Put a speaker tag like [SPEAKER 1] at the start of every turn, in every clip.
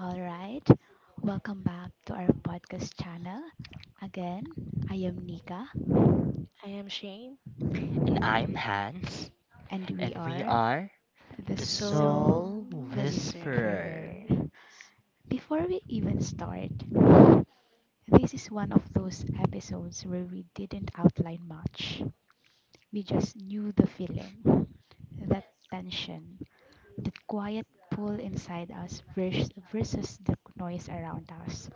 [SPEAKER 1] All right, welcome back to our podcast channel. Again, I am Nika
[SPEAKER 2] I am Shane,
[SPEAKER 3] And I'm Hans,
[SPEAKER 1] and we
[SPEAKER 3] and we
[SPEAKER 1] are
[SPEAKER 3] are
[SPEAKER 1] the
[SPEAKER 2] the
[SPEAKER 3] the
[SPEAKER 1] Soul
[SPEAKER 2] soul
[SPEAKER 3] Soul
[SPEAKER 2] whisperer.
[SPEAKER 3] Whisperer.
[SPEAKER 1] Whisperer. Before we even start, this is one of those episodes where we didn't outline much. We just knew the feeling, that tension, that quiet pull inside us versus the noise around us.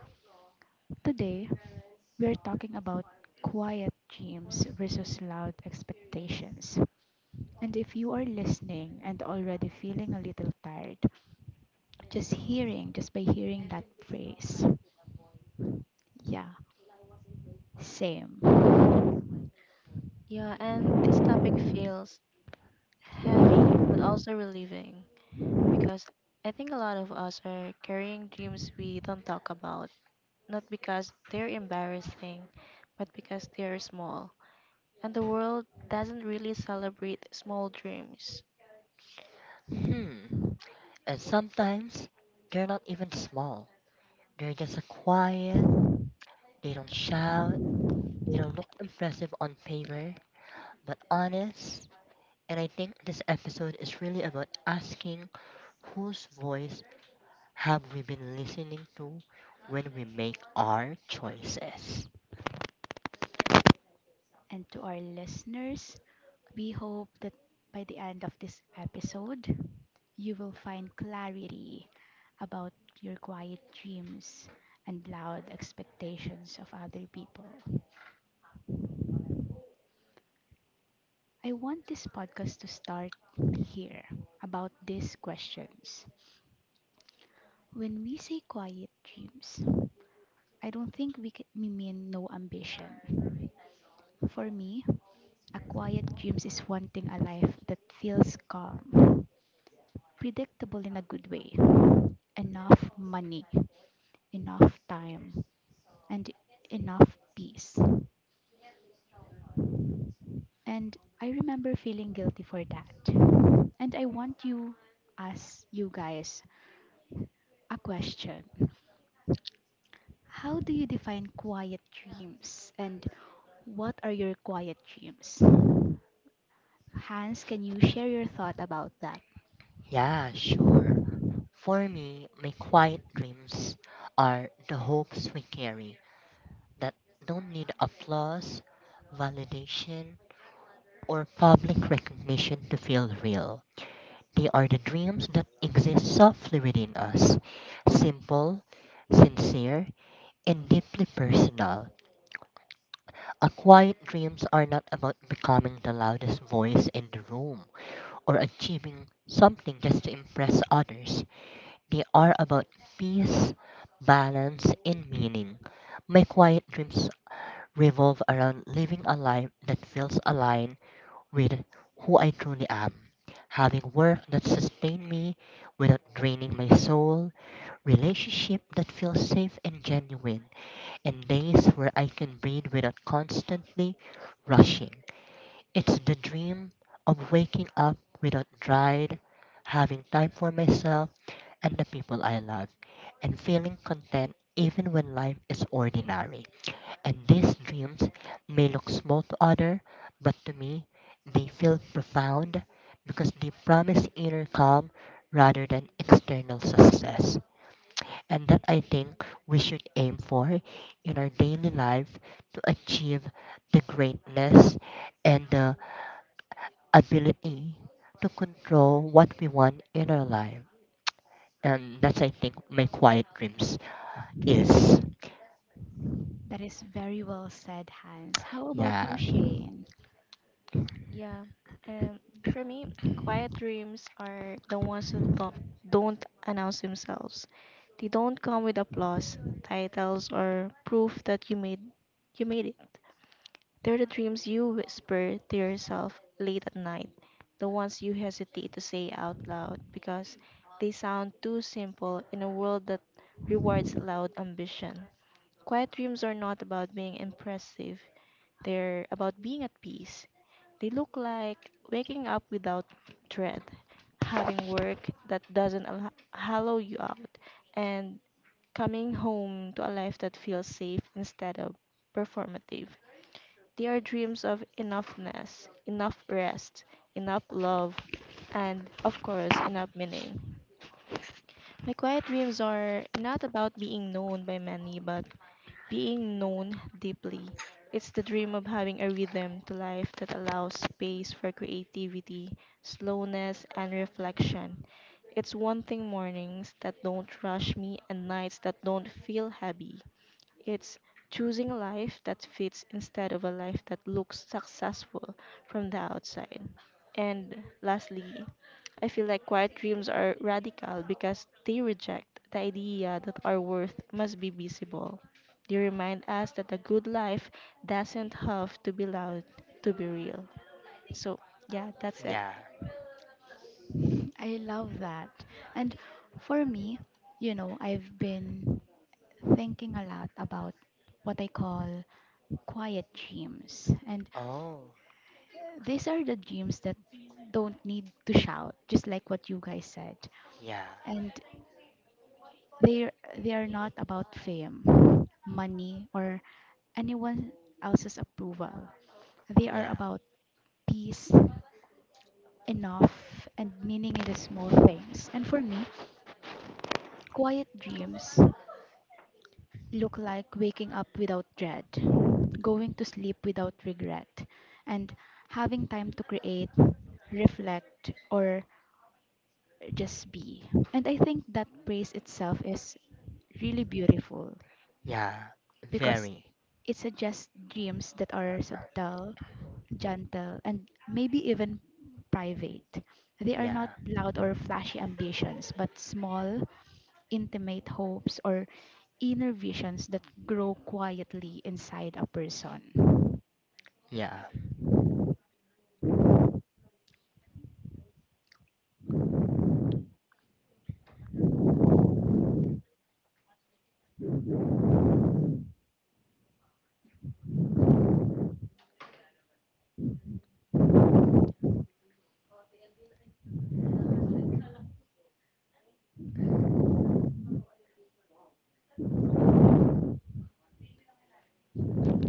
[SPEAKER 1] Today, we're talking about quiet dreams versus loud expectations. And if you are listening and already feeling a little tired, just by hearing that phrase, yeah, same.
[SPEAKER 2] Yeah, and this topic feels heavy but also relieving because I think a lot of us are carrying dreams we don't talk about, not because they're embarrassing, but because they're small. And the world doesn't really celebrate small dreams.
[SPEAKER 3] Hmm, and sometimes they're not even small. They're just a quiet, they don't shout, they don't look impressive on paper, but honest. And I think this episode is really about asking whose voice have we been listening to when we make our choices.
[SPEAKER 1] And to our listeners, we hope that by the end of this episode, you will find clarity about your quiet dreams and loud expectations of other people. I want this podcast to start here about these questions. When we say quiet dreams, I don't think we mean no ambition. For me, a quiet dreams is wanting a life that feels calm, predictable in a good way, enough money, enough time, and enough peace. And I remember feeling guilty for that. And ask you guys, a question. How do you define quiet dreams and what are your quiet dreams? Hans, can you share your thought about that?
[SPEAKER 3] Yeah, sure. For me, my quiet dreams are the hopes we carry that don't need applause, validation, or public recognition to feel real. They are the dreams that exist softly within us, simple, sincere, and deeply personal. Our quiet dreams are not about becoming the loudest voice in the room or achieving something just to impress others. They are about peace, balance, and meaning. My quiet dreams revolve around living a life that feels aligned with who I truly am, having work that sustains me without draining my soul, relationship that feels safe and genuine, and days where I can breathe without constantly rushing. It's the dream of waking up without dread, having time for myself and the people I love, and feeling content even when life is ordinary. And these dreams may look small to other, but to me, they feel profound because they promise inner calm rather than external success. And that, I think, we should aim for in our daily life to achieve the greatness and the ability to control what we want in our life. And that's, I think, my quiet dreams. Yes.
[SPEAKER 1] That is very well said, Hans. How about you,
[SPEAKER 3] Yeah.
[SPEAKER 1] Shane?
[SPEAKER 2] Yeah, and for me, quiet dreams are the ones that don't announce themselves. They don't come with applause, titles, or proof that you made it. They're the dreams you whisper to yourself late at night, the ones you hesitate to say out loud because they sound too simple in a world that rewards loud ambition. Quiet dreams are not about being impressive, they're about being at peace. They look like waking up without dread, having work that doesn't hollow you out, and coming home to a life that feels safe instead of performative. They are dreams of enoughness, enough rest, enough love, and of course, enough meaning. My quiet dreams are not about being known by many, but being known deeply. It's the dream of having a rhythm to life that allows space for creativity, slowness, and reflection. It's wanting mornings that don't rush me and nights that don't feel heavy. It's choosing a life that fits instead of a life that looks successful from the outside. And lastly, I feel like quiet dreams are radical because they reject the idea that our worth must be visible. They remind us that a good life doesn't have to be loud to be real. So, yeah, that's it.
[SPEAKER 3] Yeah.
[SPEAKER 1] I love that. And for me, I've been thinking a lot about what I call quiet dreams. And
[SPEAKER 3] Oh.
[SPEAKER 1] these are the dreams that don't need to shout, just like what you guys said.
[SPEAKER 3] Yeah.
[SPEAKER 1] And They they are not about fame, money, or anyone else's approval. They are
[SPEAKER 3] Yeah.
[SPEAKER 1] about peace, enough, and meaning in the small things. And for me, quiet dreams look like waking up without dread, going to sleep without regret, and having time to create, reflect, or just be. And I think that praise itself is really beautiful
[SPEAKER 3] Yeah.
[SPEAKER 1] because
[SPEAKER 3] Very.
[SPEAKER 1] it suggests dreams that are subtle, gentle, and maybe even private. They are not
[SPEAKER 3] Yeah.
[SPEAKER 1] loud or flashy ambitions, but small, intimate hopes or inner visions that grow quietly inside a person.
[SPEAKER 3] Yeah.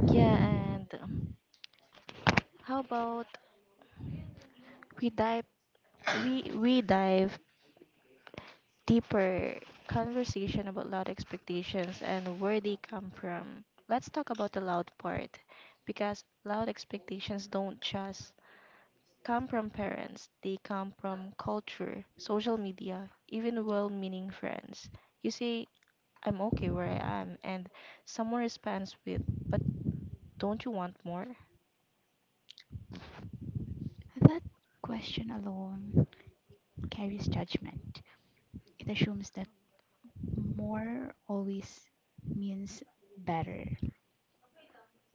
[SPEAKER 2] Yeah, and How about we dive we dive deeper conversation about loud expectations and where they come from. Let's talk about the loud part because loud expectations don't just come from parents, they come from culture, social media, even well meaning friends. You say, I'm okay where I am, and someone responds with, but don't you want more?
[SPEAKER 1] That question alone carries judgment. It assumes that more always means better,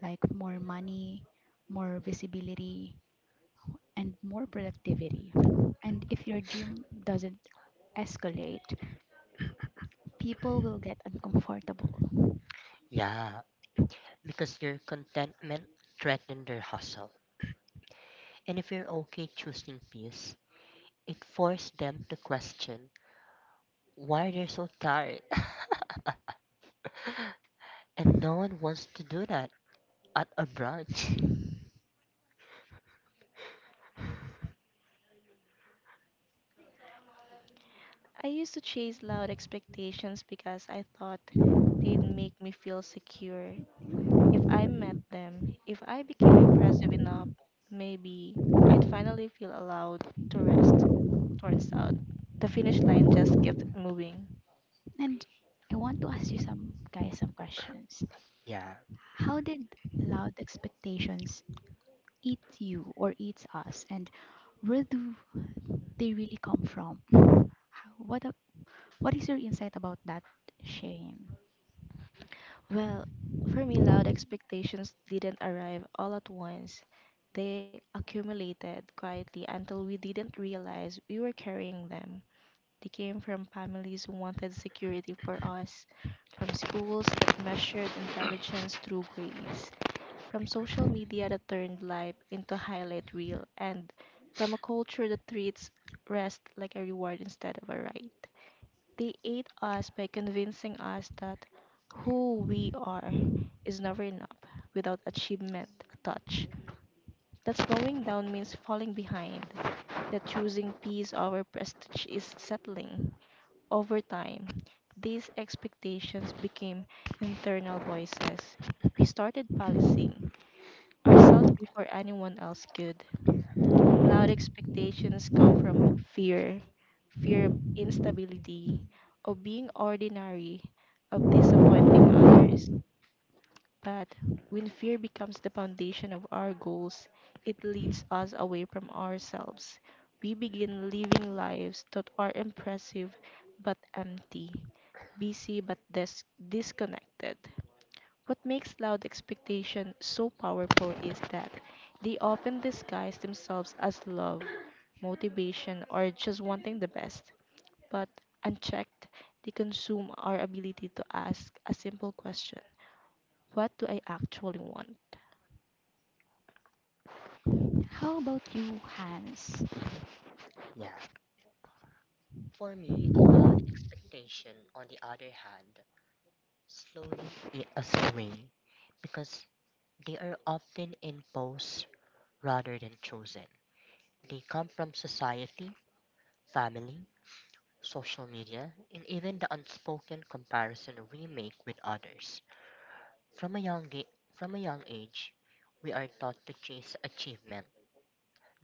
[SPEAKER 1] like more money, more visibility, and more productivity. And if your gym doesn't escalate, people will get uncomfortable.
[SPEAKER 3] Yeah. Because your contentment threatened their hustle. And if you're okay choosing peace, it forced them to question why they're so tired. And no one wants to do that at a brunch.
[SPEAKER 2] I used to chase loud expectations because I thought they'd make me feel secure. If I met them, if I became impressive enough, maybe I'd finally feel allowed to rest. Turns out, the finish line just kept moving.
[SPEAKER 1] And I want to ask you some guys some questions.
[SPEAKER 3] Yeah.
[SPEAKER 1] How did loud expectations eat you or eats us? And where do they really come from? How- What a- what is your insight about that, Shane?
[SPEAKER 2] Well, for me, loud expectations didn't arrive all at once. They accumulated quietly until we didn't realize we were carrying them. They came from families who wanted security for us, from schools that measured intelligence through grades, from social media that turned life into a highlight reel, and from a culture that treats rest like a reward instead of a right. They ate us by convincing us that who we are is never enough without achievement, a touch. That slowing down means falling behind, that choosing peace over prestige is settling. Over time, these expectations became internal voices. We started policing ourselves before anyone else could. Loud expectations come from fear, fear of instability, of being ordinary, of disappointing others. But when fear becomes the foundation of our goals, it leads us away from ourselves. We begin living lives that are impressive but empty, busy but disconnected. What makes loud expectation so powerful is that they often disguise themselves as love, motivation, or just wanting the best. But unchecked, they consume our ability to ask a simple question: what do I actually want?
[SPEAKER 1] How about you, Hans?
[SPEAKER 3] Yeah. For me, loud expectation, on the other hand, slowly ate us away because they are often imposed rather than chosen. They come from society, family, social media, and even the unspoken comparison we make with others. From a young ga- from a young age, we are taught to chase achievement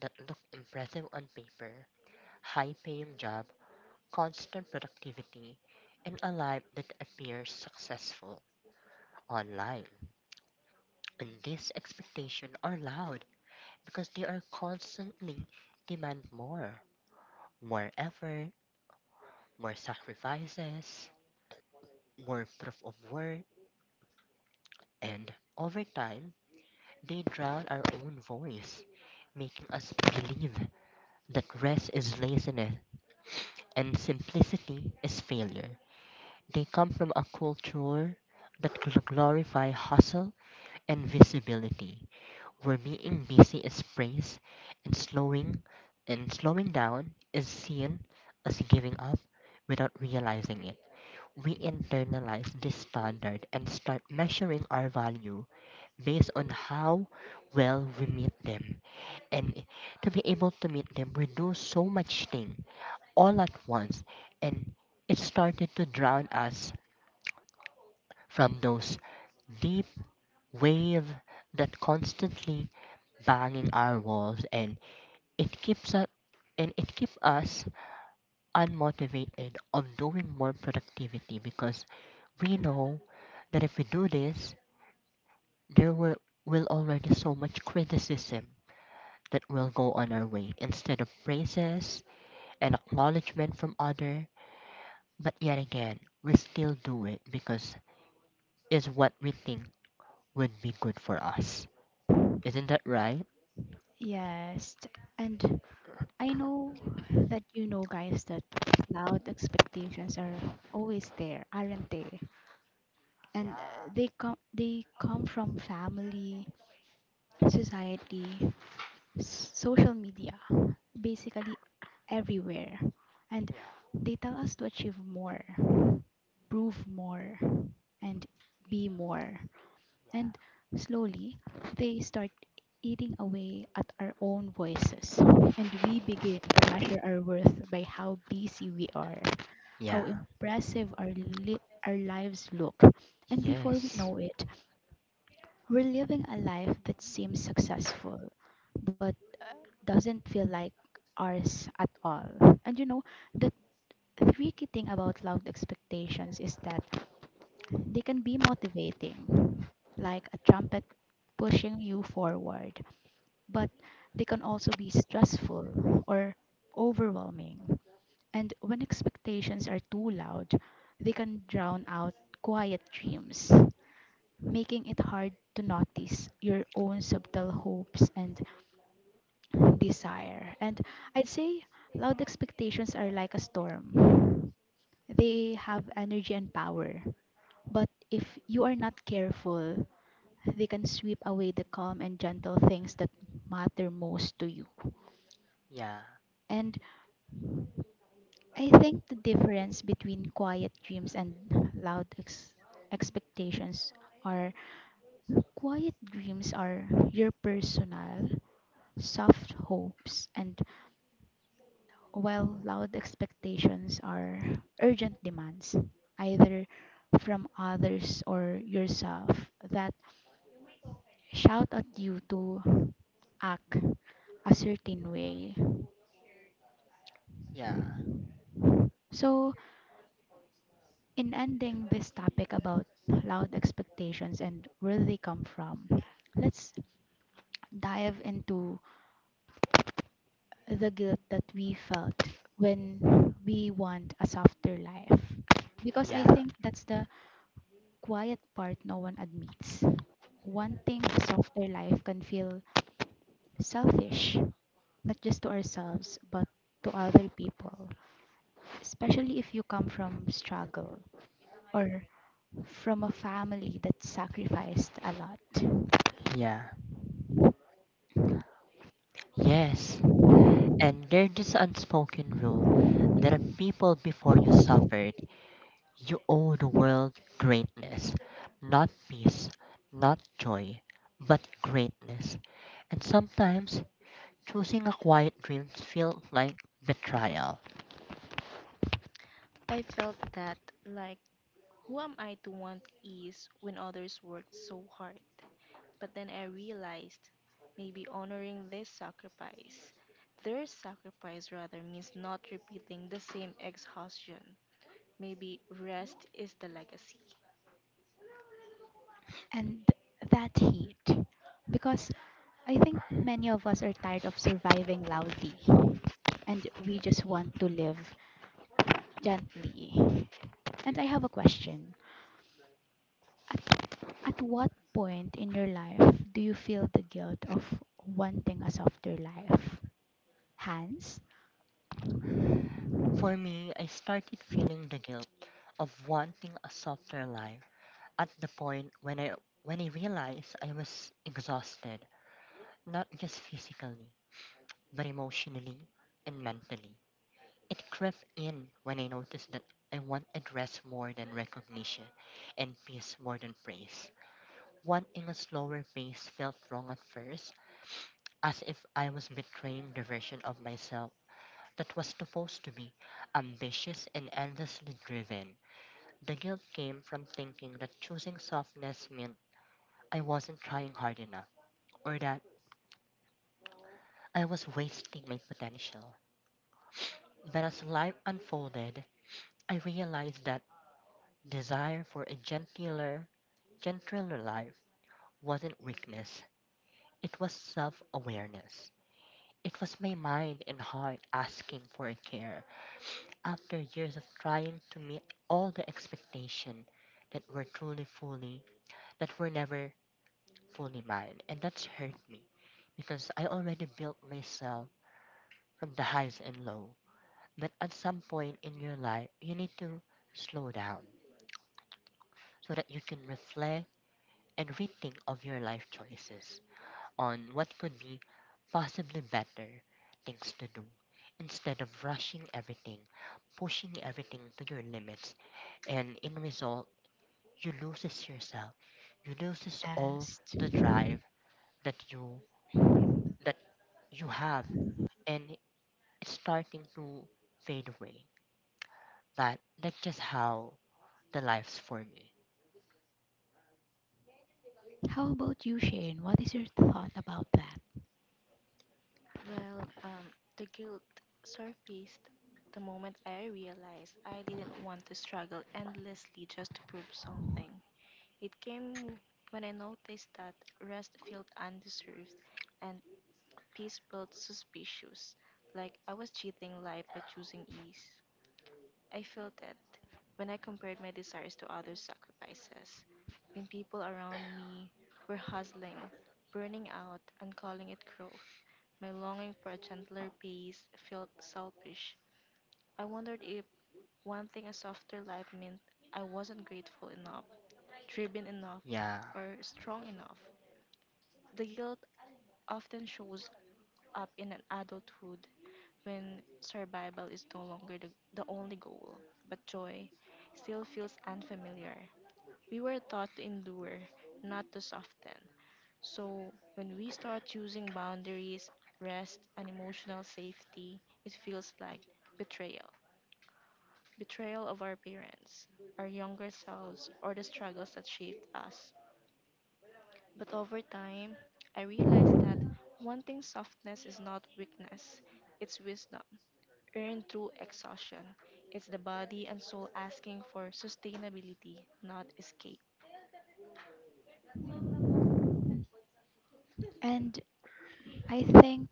[SPEAKER 3] that look impressive on paper, high-paying job, constant productivity, and a life that appears successful online. And these expectations are loud because they are constantly demand more, more effort, more sacrifices, more proof of work, and over time, they drown our own voice, making us believe that rest is laziness and simplicity is failure. They come from a culture that glorify hustle and visibility, where being busy is praised and slowing down is seen as giving up without realizing it. We internalize this standard and start measuring our value based on how well we meet them. And to be able to meet them, we do so much thing all at once and it started to drown us from those deep wave that constantly banging our walls and It keeps us it keeps us unmotivated on doing more productivity because we know that if we do this, there will, will already so much criticism that will go on our way instead of praises and acknowledgement from other. But yet again, we still do it because it's what we think would be good for us. Isn't that right?
[SPEAKER 1] Yes, and I know that you know, guys, that loud expectations are always there, aren't they? And
[SPEAKER 3] Yeah,
[SPEAKER 1] they come from family, society, social media, basically everywhere. And
[SPEAKER 3] yeah,
[SPEAKER 1] they tell us to achieve more, prove more, and be more. And slowly, they start eating away at our own voices. And we begin to measure our worth by how busy we are, how
[SPEAKER 3] yeah.
[SPEAKER 1] impressive our lives look. And
[SPEAKER 3] Yeah.
[SPEAKER 1] before we
[SPEAKER 3] Yes.
[SPEAKER 1] know it, we're living a life that seems successful, but doesn't feel like ours at all. And the tricky thing about loud expectations is that they can be motivating, like a trumpet pushing you forward, but they can also be stressful or overwhelming. And when expectations are too loud, they can drown out quiet dreams, making it hard to notice your own subtle hopes and desire. And I'd say loud expectations are like a storm. They have energy and power. But if you are not careful, they can sweep away the calm and gentle things that matter most to you.
[SPEAKER 3] Yeah.
[SPEAKER 1] And I think the difference between quiet dreams and loud expectations are quiet dreams are your personal, soft hopes, and while loud expectations are urgent demands, either from others or yourself, that shout at you to act a certain way.
[SPEAKER 3] Yeah.
[SPEAKER 1] So, in ending this topic about loud expectations and where they come from, let's dive into the guilt that we felt when we want a softer life. Because I
[SPEAKER 3] Yeah.
[SPEAKER 1] think that's the quiet part no one admits. Wanting a softer life can feel selfish, not just to ourselves, but to other people, especially if you come from struggle or from a family that sacrificed a lot.
[SPEAKER 3] Yeah. Yes, and there's this unspoken rule that if people before you suffered, you owe the world greatness. Not peace, not joy, but greatness. And sometimes, choosing a quiet dream feels like betrayal.
[SPEAKER 2] I felt that, like, who am I to want ease when others worked so hard? But then I realized maybe honoring this sacrifice, their sacrifice rather, means not repeating the same exhaustion. Maybe rest is the legacy.
[SPEAKER 1] And that heat because I think many of us are tired of surviving loudly and we just want to live gently. And I have a question. At, at what point in your life do you feel the guilt of wanting a softer life? Hans?
[SPEAKER 3] For me, I started feeling the guilt of wanting a softer life at the point when I realized I was exhausted, not just physically, but emotionally and mentally. It crept in when I noticed that I want address more than recognition and peace more than praise. Wanting a slower pace felt wrong at first, as if I was betraying the version of myself that was supposed to be ambitious and endlessly driven. The guilt came from thinking that choosing softness meant I wasn't trying hard enough, or that I was wasting my potential. But as life unfolded, I realized that desire for a gentler life wasn't weakness, it was self awareness. It was my mind and heart asking for a care after years of trying to meet all the expectations that were truly fully, that were never fully mine. And that's hurt me because I already built myself from the highs and low. But at some point in your life, you need to slow down so that you can reflect and rethink of your life choices on what would be possibly better things to do instead of rushing everything, pushing everything to your limits, and in result, you loses yourself. You loses all
[SPEAKER 1] Yes.
[SPEAKER 3] the drive that that you have, and it's starting to fade away. But that's just how the life's for me.
[SPEAKER 1] How about you, Shane? What is your thought about that?
[SPEAKER 2] Well, um, the guilt surfaced the moment I realized I didn't want to struggle endlessly just to prove something. It came when I noticed that rest felt undeserved and peace felt suspicious, like I was cheating life by choosing ease. I felt that when I compared my desires to others' sacrifices, when people around me were hustling, burning out, and calling it growth, my longing for a gentler pace felt selfish. I wondered if wanting a softer life meant I wasn't grateful enough, driven enough,
[SPEAKER 3] Yeah,
[SPEAKER 2] or strong enough. The guilt often shows up in an adulthood when survival is no longer the only goal, but joy still feels unfamiliar. We were taught to endure, not to soften. So when we start choosing boundaries, rest, and emotional safety, it feels like betrayal. Betrayal of our parents, our younger selves, or the struggles that shaped us. But over time, I realized that wanting softness is not weakness, it's wisdom, earned through exhaustion. It's the body and soul asking for sustainability, not escape.
[SPEAKER 1] And I think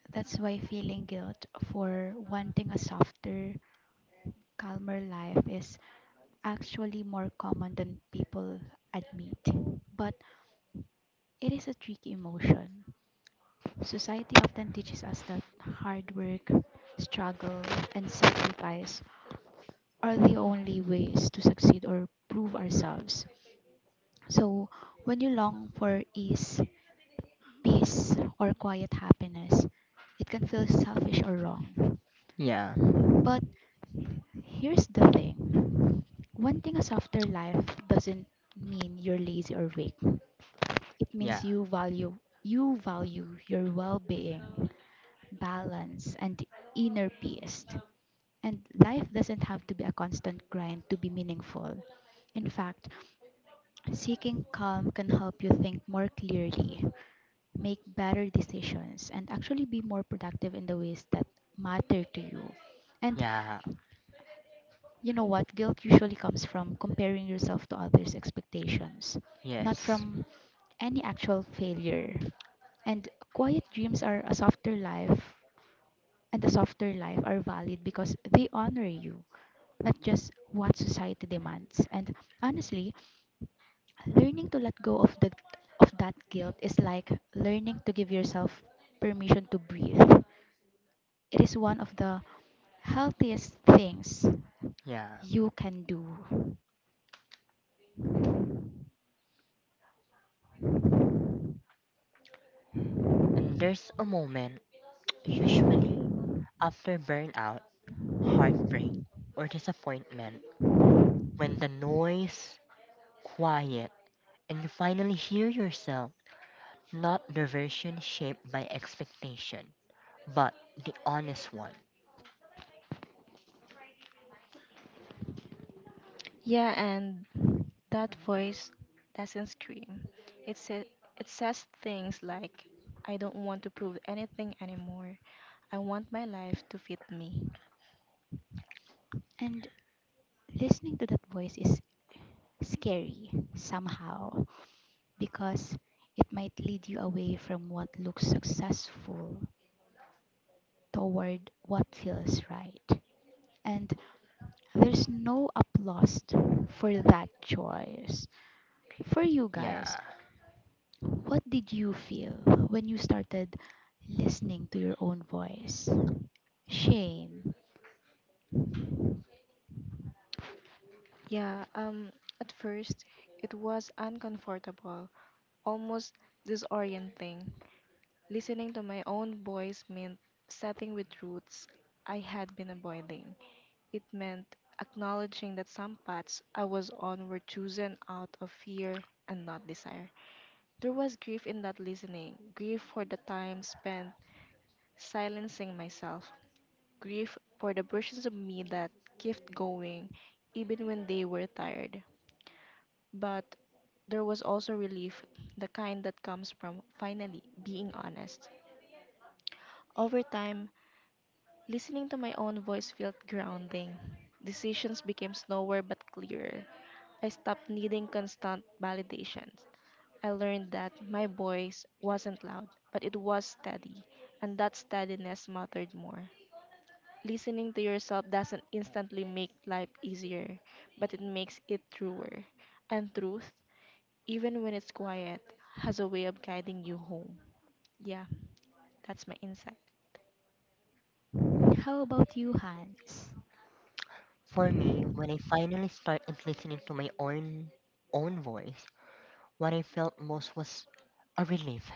[SPEAKER 1] that's why feeling guilt for wanting a softer calmer life is actually more common than people admit. But it is a tricky emotion. Society often teaches us that hard work, struggle, and sacrifice are the only ways to succeed or prove ourselves. So, when you long for ease, peace, or quiet happiness, it can feel selfish or wrong.
[SPEAKER 3] yeah,
[SPEAKER 1] But here's the thing, wanting a softer life doesn't mean you're lazy or weak. It
[SPEAKER 3] yeah,
[SPEAKER 1] means you value your well-being, balance, and inner peace. And life doesn't have to be a constant grind to be meaningful. In fact, seeking calm can help you think more clearly, make better decisions, and actually be more productive in the ways that matter to you. And
[SPEAKER 3] yeah.
[SPEAKER 1] you know what? Guilt usually comes from comparing yourself to others' expectations, not
[SPEAKER 3] Yes,
[SPEAKER 1] from any actual failure. And quiet dreams are a softer life, and a softer life are valid because they honor you, not just what society demands. And honestly, learning to let go of that guilt is like learning to give yourself permission to breathe. It is one of the healthiest things
[SPEAKER 3] yeah.
[SPEAKER 1] you can do.
[SPEAKER 3] And there's a moment, usually after burnout, heartbreak, or disappointment, when the noise quiet and you finally hear yourself, not the version shaped by expectation, but the honest one.
[SPEAKER 2] Yeah, and that voice doesn't scream. It, says, it says things like, I don't want to prove anything anymore. I want my life to fit me.
[SPEAKER 1] And listening to that voice is scary somehow because it might lead you away from what looks successful toward what feels right. And there's no applause for that choice. For you guys,
[SPEAKER 3] Yeah.
[SPEAKER 1] what did you feel when you started listening to your own voice? Shame.
[SPEAKER 2] Yeah, um, at first, it was uncomfortable, almost disorienting. Listening to my own voice meant setting with roots I had been avoiding. It meant acknowledging that some paths I was on were chosen out of fear and not desire. There was grief in that listening, grief for the time spent silencing myself, grief for the versions of me that kept going even when they were tired, but there was also relief, the kind that comes from finally being honest. Over time, listening to my own voice felt grounding. Decisions became slower but clearer. I stopped needing constant validation. I learned that my voice wasn't loud, but it was steady, and that steadiness mattered more. Listening to yourself doesn't instantly make life easier, but it makes it truer. And truth, even when it's quiet, has a way of guiding you home. Yeah, that's my insight.
[SPEAKER 1] How about you, Hans?
[SPEAKER 3] For me, when I finally started listening to my own voice, what I felt most was a relief.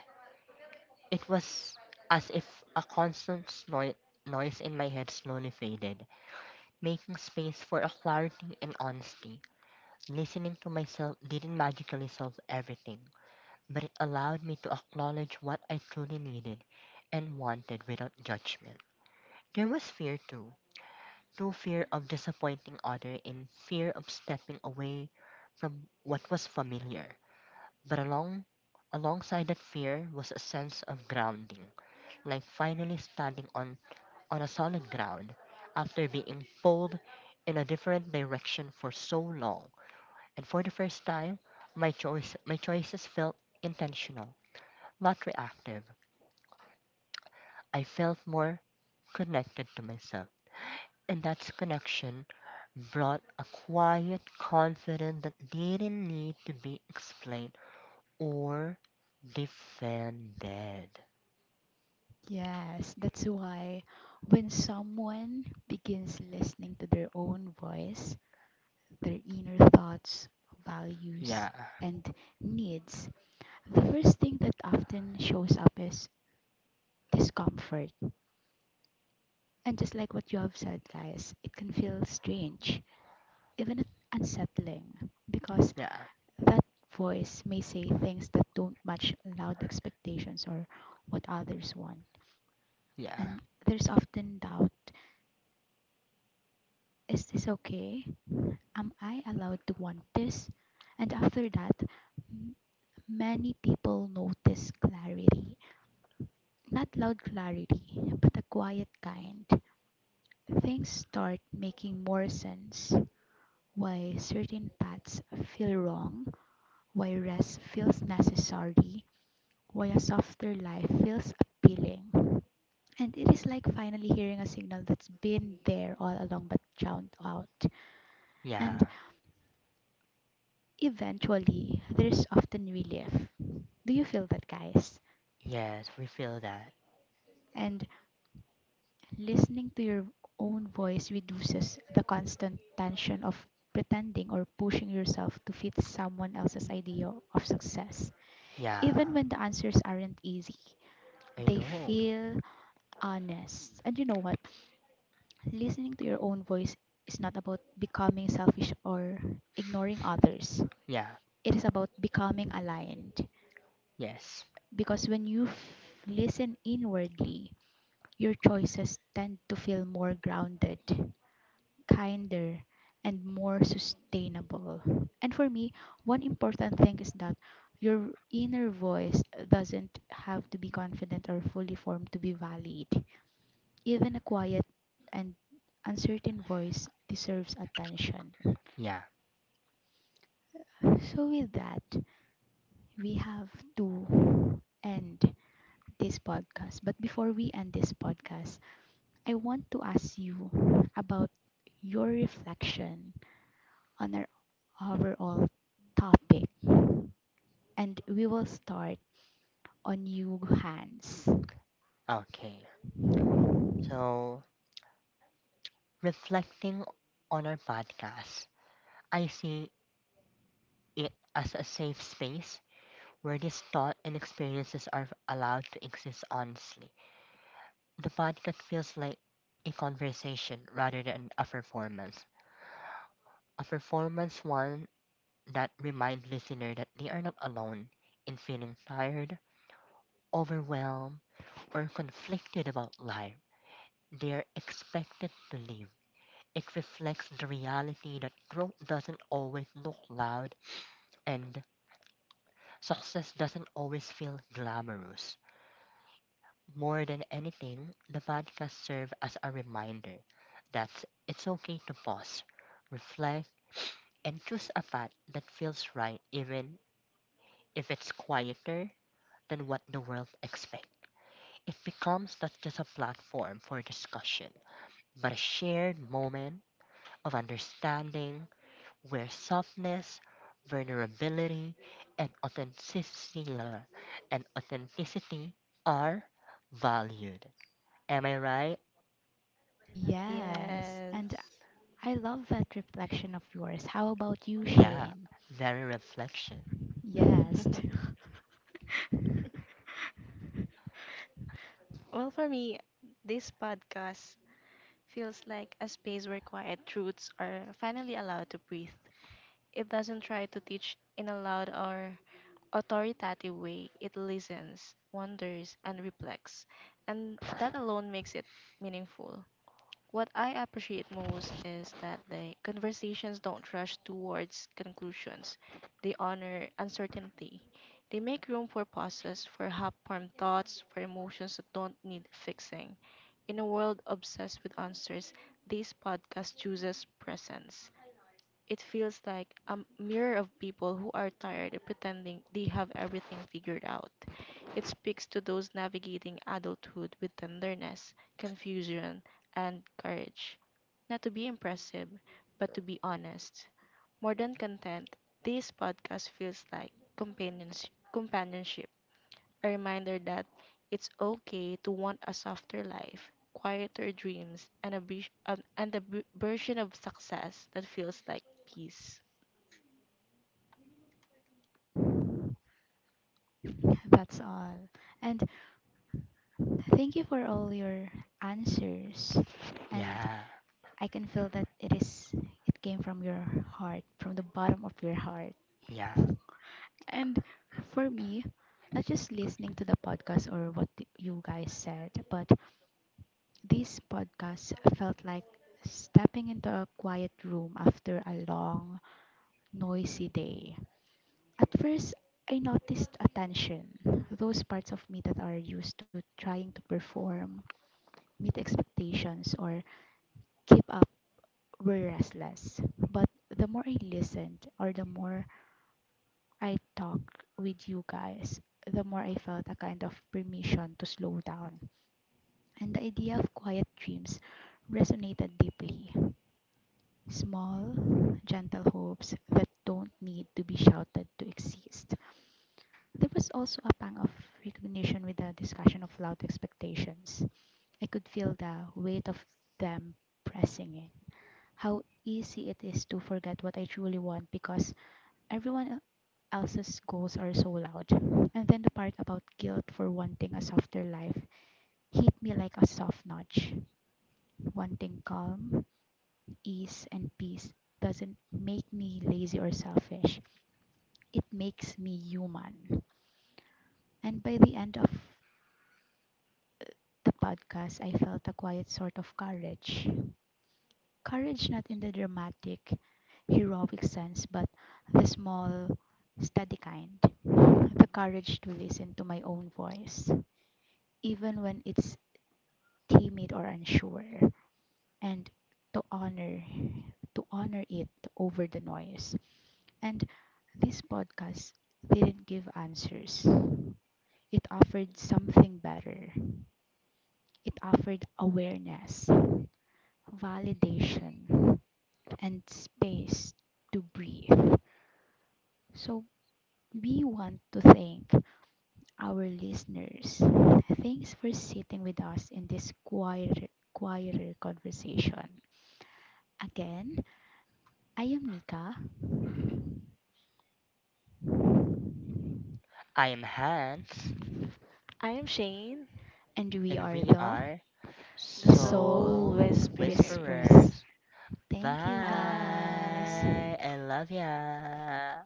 [SPEAKER 3] It was as if a constant noise in my head slowly faded, making space for a clarity and honesty. Listening to myself didn't magically solve everything, but it allowed me to acknowledge what I truly needed and wanted without judgment. There was fear too, no fear of disappointing others and fear of stepping away from what was familiar. But alongside that fear was a sense of grounding, like finally standing on a solid ground after being pulled in a different direction for so long. And for the first time, my choices felt intentional, not reactive. I felt more connected to myself. And that connection brought a quiet confidence that didn't need to be explained or defended.
[SPEAKER 1] Yes, that's why when someone begins listening to their own voice, their inner thoughts,
[SPEAKER 3] Yeah,
[SPEAKER 1] values, and needs, the first thing that often shows up is discomfort. And just like what you have said, guys, it can feel strange, even unsettling, because
[SPEAKER 3] yeah,
[SPEAKER 1] that voice may say things that don't match loud expectations or what others want.
[SPEAKER 3] yeah,
[SPEAKER 1] And there's often doubt. Is this okay? Am I allowed to want this? And after that, m- many people notice clarity. Not loud clarity, but a quiet kind. Things start making more sense. Why certain paths feel wrong, why rest feels necessary, why a softer life feels appealing. And it is like finally hearing a signal that's been there all along but drowned out. And
[SPEAKER 3] yeah.
[SPEAKER 1] eventually, there's often relief. Do you feel that, guys?
[SPEAKER 3] Yes, we feel that.
[SPEAKER 1] And listening to your own voice reduces the constant tension of pretending or pushing yourself to fit someone else's idea of success.
[SPEAKER 3] Yeah,
[SPEAKER 1] Even when the answers aren't easy,
[SPEAKER 3] I
[SPEAKER 1] they
[SPEAKER 3] know.
[SPEAKER 1] feel honest. And you know what? Listening to your own voice is not about becoming selfish or ignoring others,
[SPEAKER 3] Yeah,
[SPEAKER 1] it is about becoming aligned.
[SPEAKER 3] yes,
[SPEAKER 1] Because when you listen inwardly, your choices tend to feel more grounded, kinder, and more sustainable. And for me, one important thing is that your inner voice doesn't have to be confident or fully formed to be valid. Even a quiet and uncertain voice deserves attention.
[SPEAKER 3] yeah,
[SPEAKER 1] So, with that, we have to end this podcast. But before we end this podcast, I want to ask you about your reflection on our overall topic. And we will start on you, Hans.
[SPEAKER 3] okay. So, reflecting on our podcast, I see it as a safe space where this thought and experiences are allowed to exist honestly. The podcast feels like a conversation rather than a performance. A performance one that reminds listener that they are not alone in feeling tired, overwhelmed, or conflicted about life. They are expected to live. It reflects the reality that growth doesn't always look loud and success doesn't always feel glamorous. More than anything, the podcast serves as a reminder that it's okay to pause, reflect, and choose a path that feels right even if it's quieter than what the world expects. It becomes not just a platform for discussion, but a shared moment of understanding where softness, vulnerability, and authenticity and authenticity are valued. Am I right?
[SPEAKER 1] Yes, and
[SPEAKER 2] Yes.
[SPEAKER 1] I love that reflection of yours. How about you,
[SPEAKER 3] Yeah.
[SPEAKER 1] Shane?
[SPEAKER 3] Very reflection.
[SPEAKER 2] well,
[SPEAKER 1] Yes,
[SPEAKER 2] for me, this podcast feels like a space where quiet truths are finally allowed to breathe. It doesn't try to teach in a loud or authoritative way, it listens, wonders, and reflects. And that alone makes it meaningful. What I appreciate most is that the conversations don't rush towards conclusions. They honor uncertainty. They make room for pauses, for half-formed thoughts, for emotions that don't need fixing. In a world obsessed with answers, this podcast chooses presence. It feels like a mirror of people who are tired of pretending they have everything figured out. It speaks to those navigating adulthood with tenderness, confusion, and courage. Not to be impressive, but to be honest. More than content, this podcast feels like companionship, a reminder that it's okay to want a softer life, quieter dreams, and and version of success that feels like peace.
[SPEAKER 1] that's all. And thank you for all your answers. And
[SPEAKER 3] Yeah.
[SPEAKER 1] I can feel that it came from your heart, from the bottom of your heart.
[SPEAKER 3] Yeah.
[SPEAKER 1] And for me, not just listening to the podcast or what you guys said, but this podcast felt like stepping into a quiet room after a long, noisy day. At first, I noticed attention, those parts of me that are used to trying to perform, meet expectations, or keep up were restless. But the more I listened, or the more I talked with you guys, the more I felt a kind of permission to slow down. And the idea of quiet dreams resonated deeply. Small, gentle hopes that don't need to be shouted to exist. There was also a pang of recognition with the discussion of loud expectations. I could feel the weight of them pressing in. How easy it is to forget what I truly want because everyone else's goals are so loud. And then the part about guilt for wanting a softer life hit me like a soft nudge. Wanting calm, ease, and peace doesn't make me lazy or selfish. It makes me human. And by the end of the podcast, I felt a quiet sort of courage. Courage not in the dramatic, heroic sense, but the small, steady kind. The courage to listen to my own voice, even when it's timid or unsure, and to honor to honor it over the noise. And this podcast didn't give answers. It offered something better. It offered awareness, validation, and space to breathe. So we want to thank our listeners. Thanks for sitting with us in this quieter conversation. Again, I am Nika,
[SPEAKER 3] I am Hans,
[SPEAKER 2] I am Shane,
[SPEAKER 1] and we
[SPEAKER 3] and
[SPEAKER 1] are
[SPEAKER 3] we
[SPEAKER 1] the
[SPEAKER 3] are
[SPEAKER 2] the
[SPEAKER 1] Soul
[SPEAKER 2] Soul
[SPEAKER 3] Soul
[SPEAKER 1] Whisper.
[SPEAKER 2] Whisperers.
[SPEAKER 3] Whisperers.
[SPEAKER 1] Thank you, guys.
[SPEAKER 2] Bye.
[SPEAKER 3] Bye. I love ya.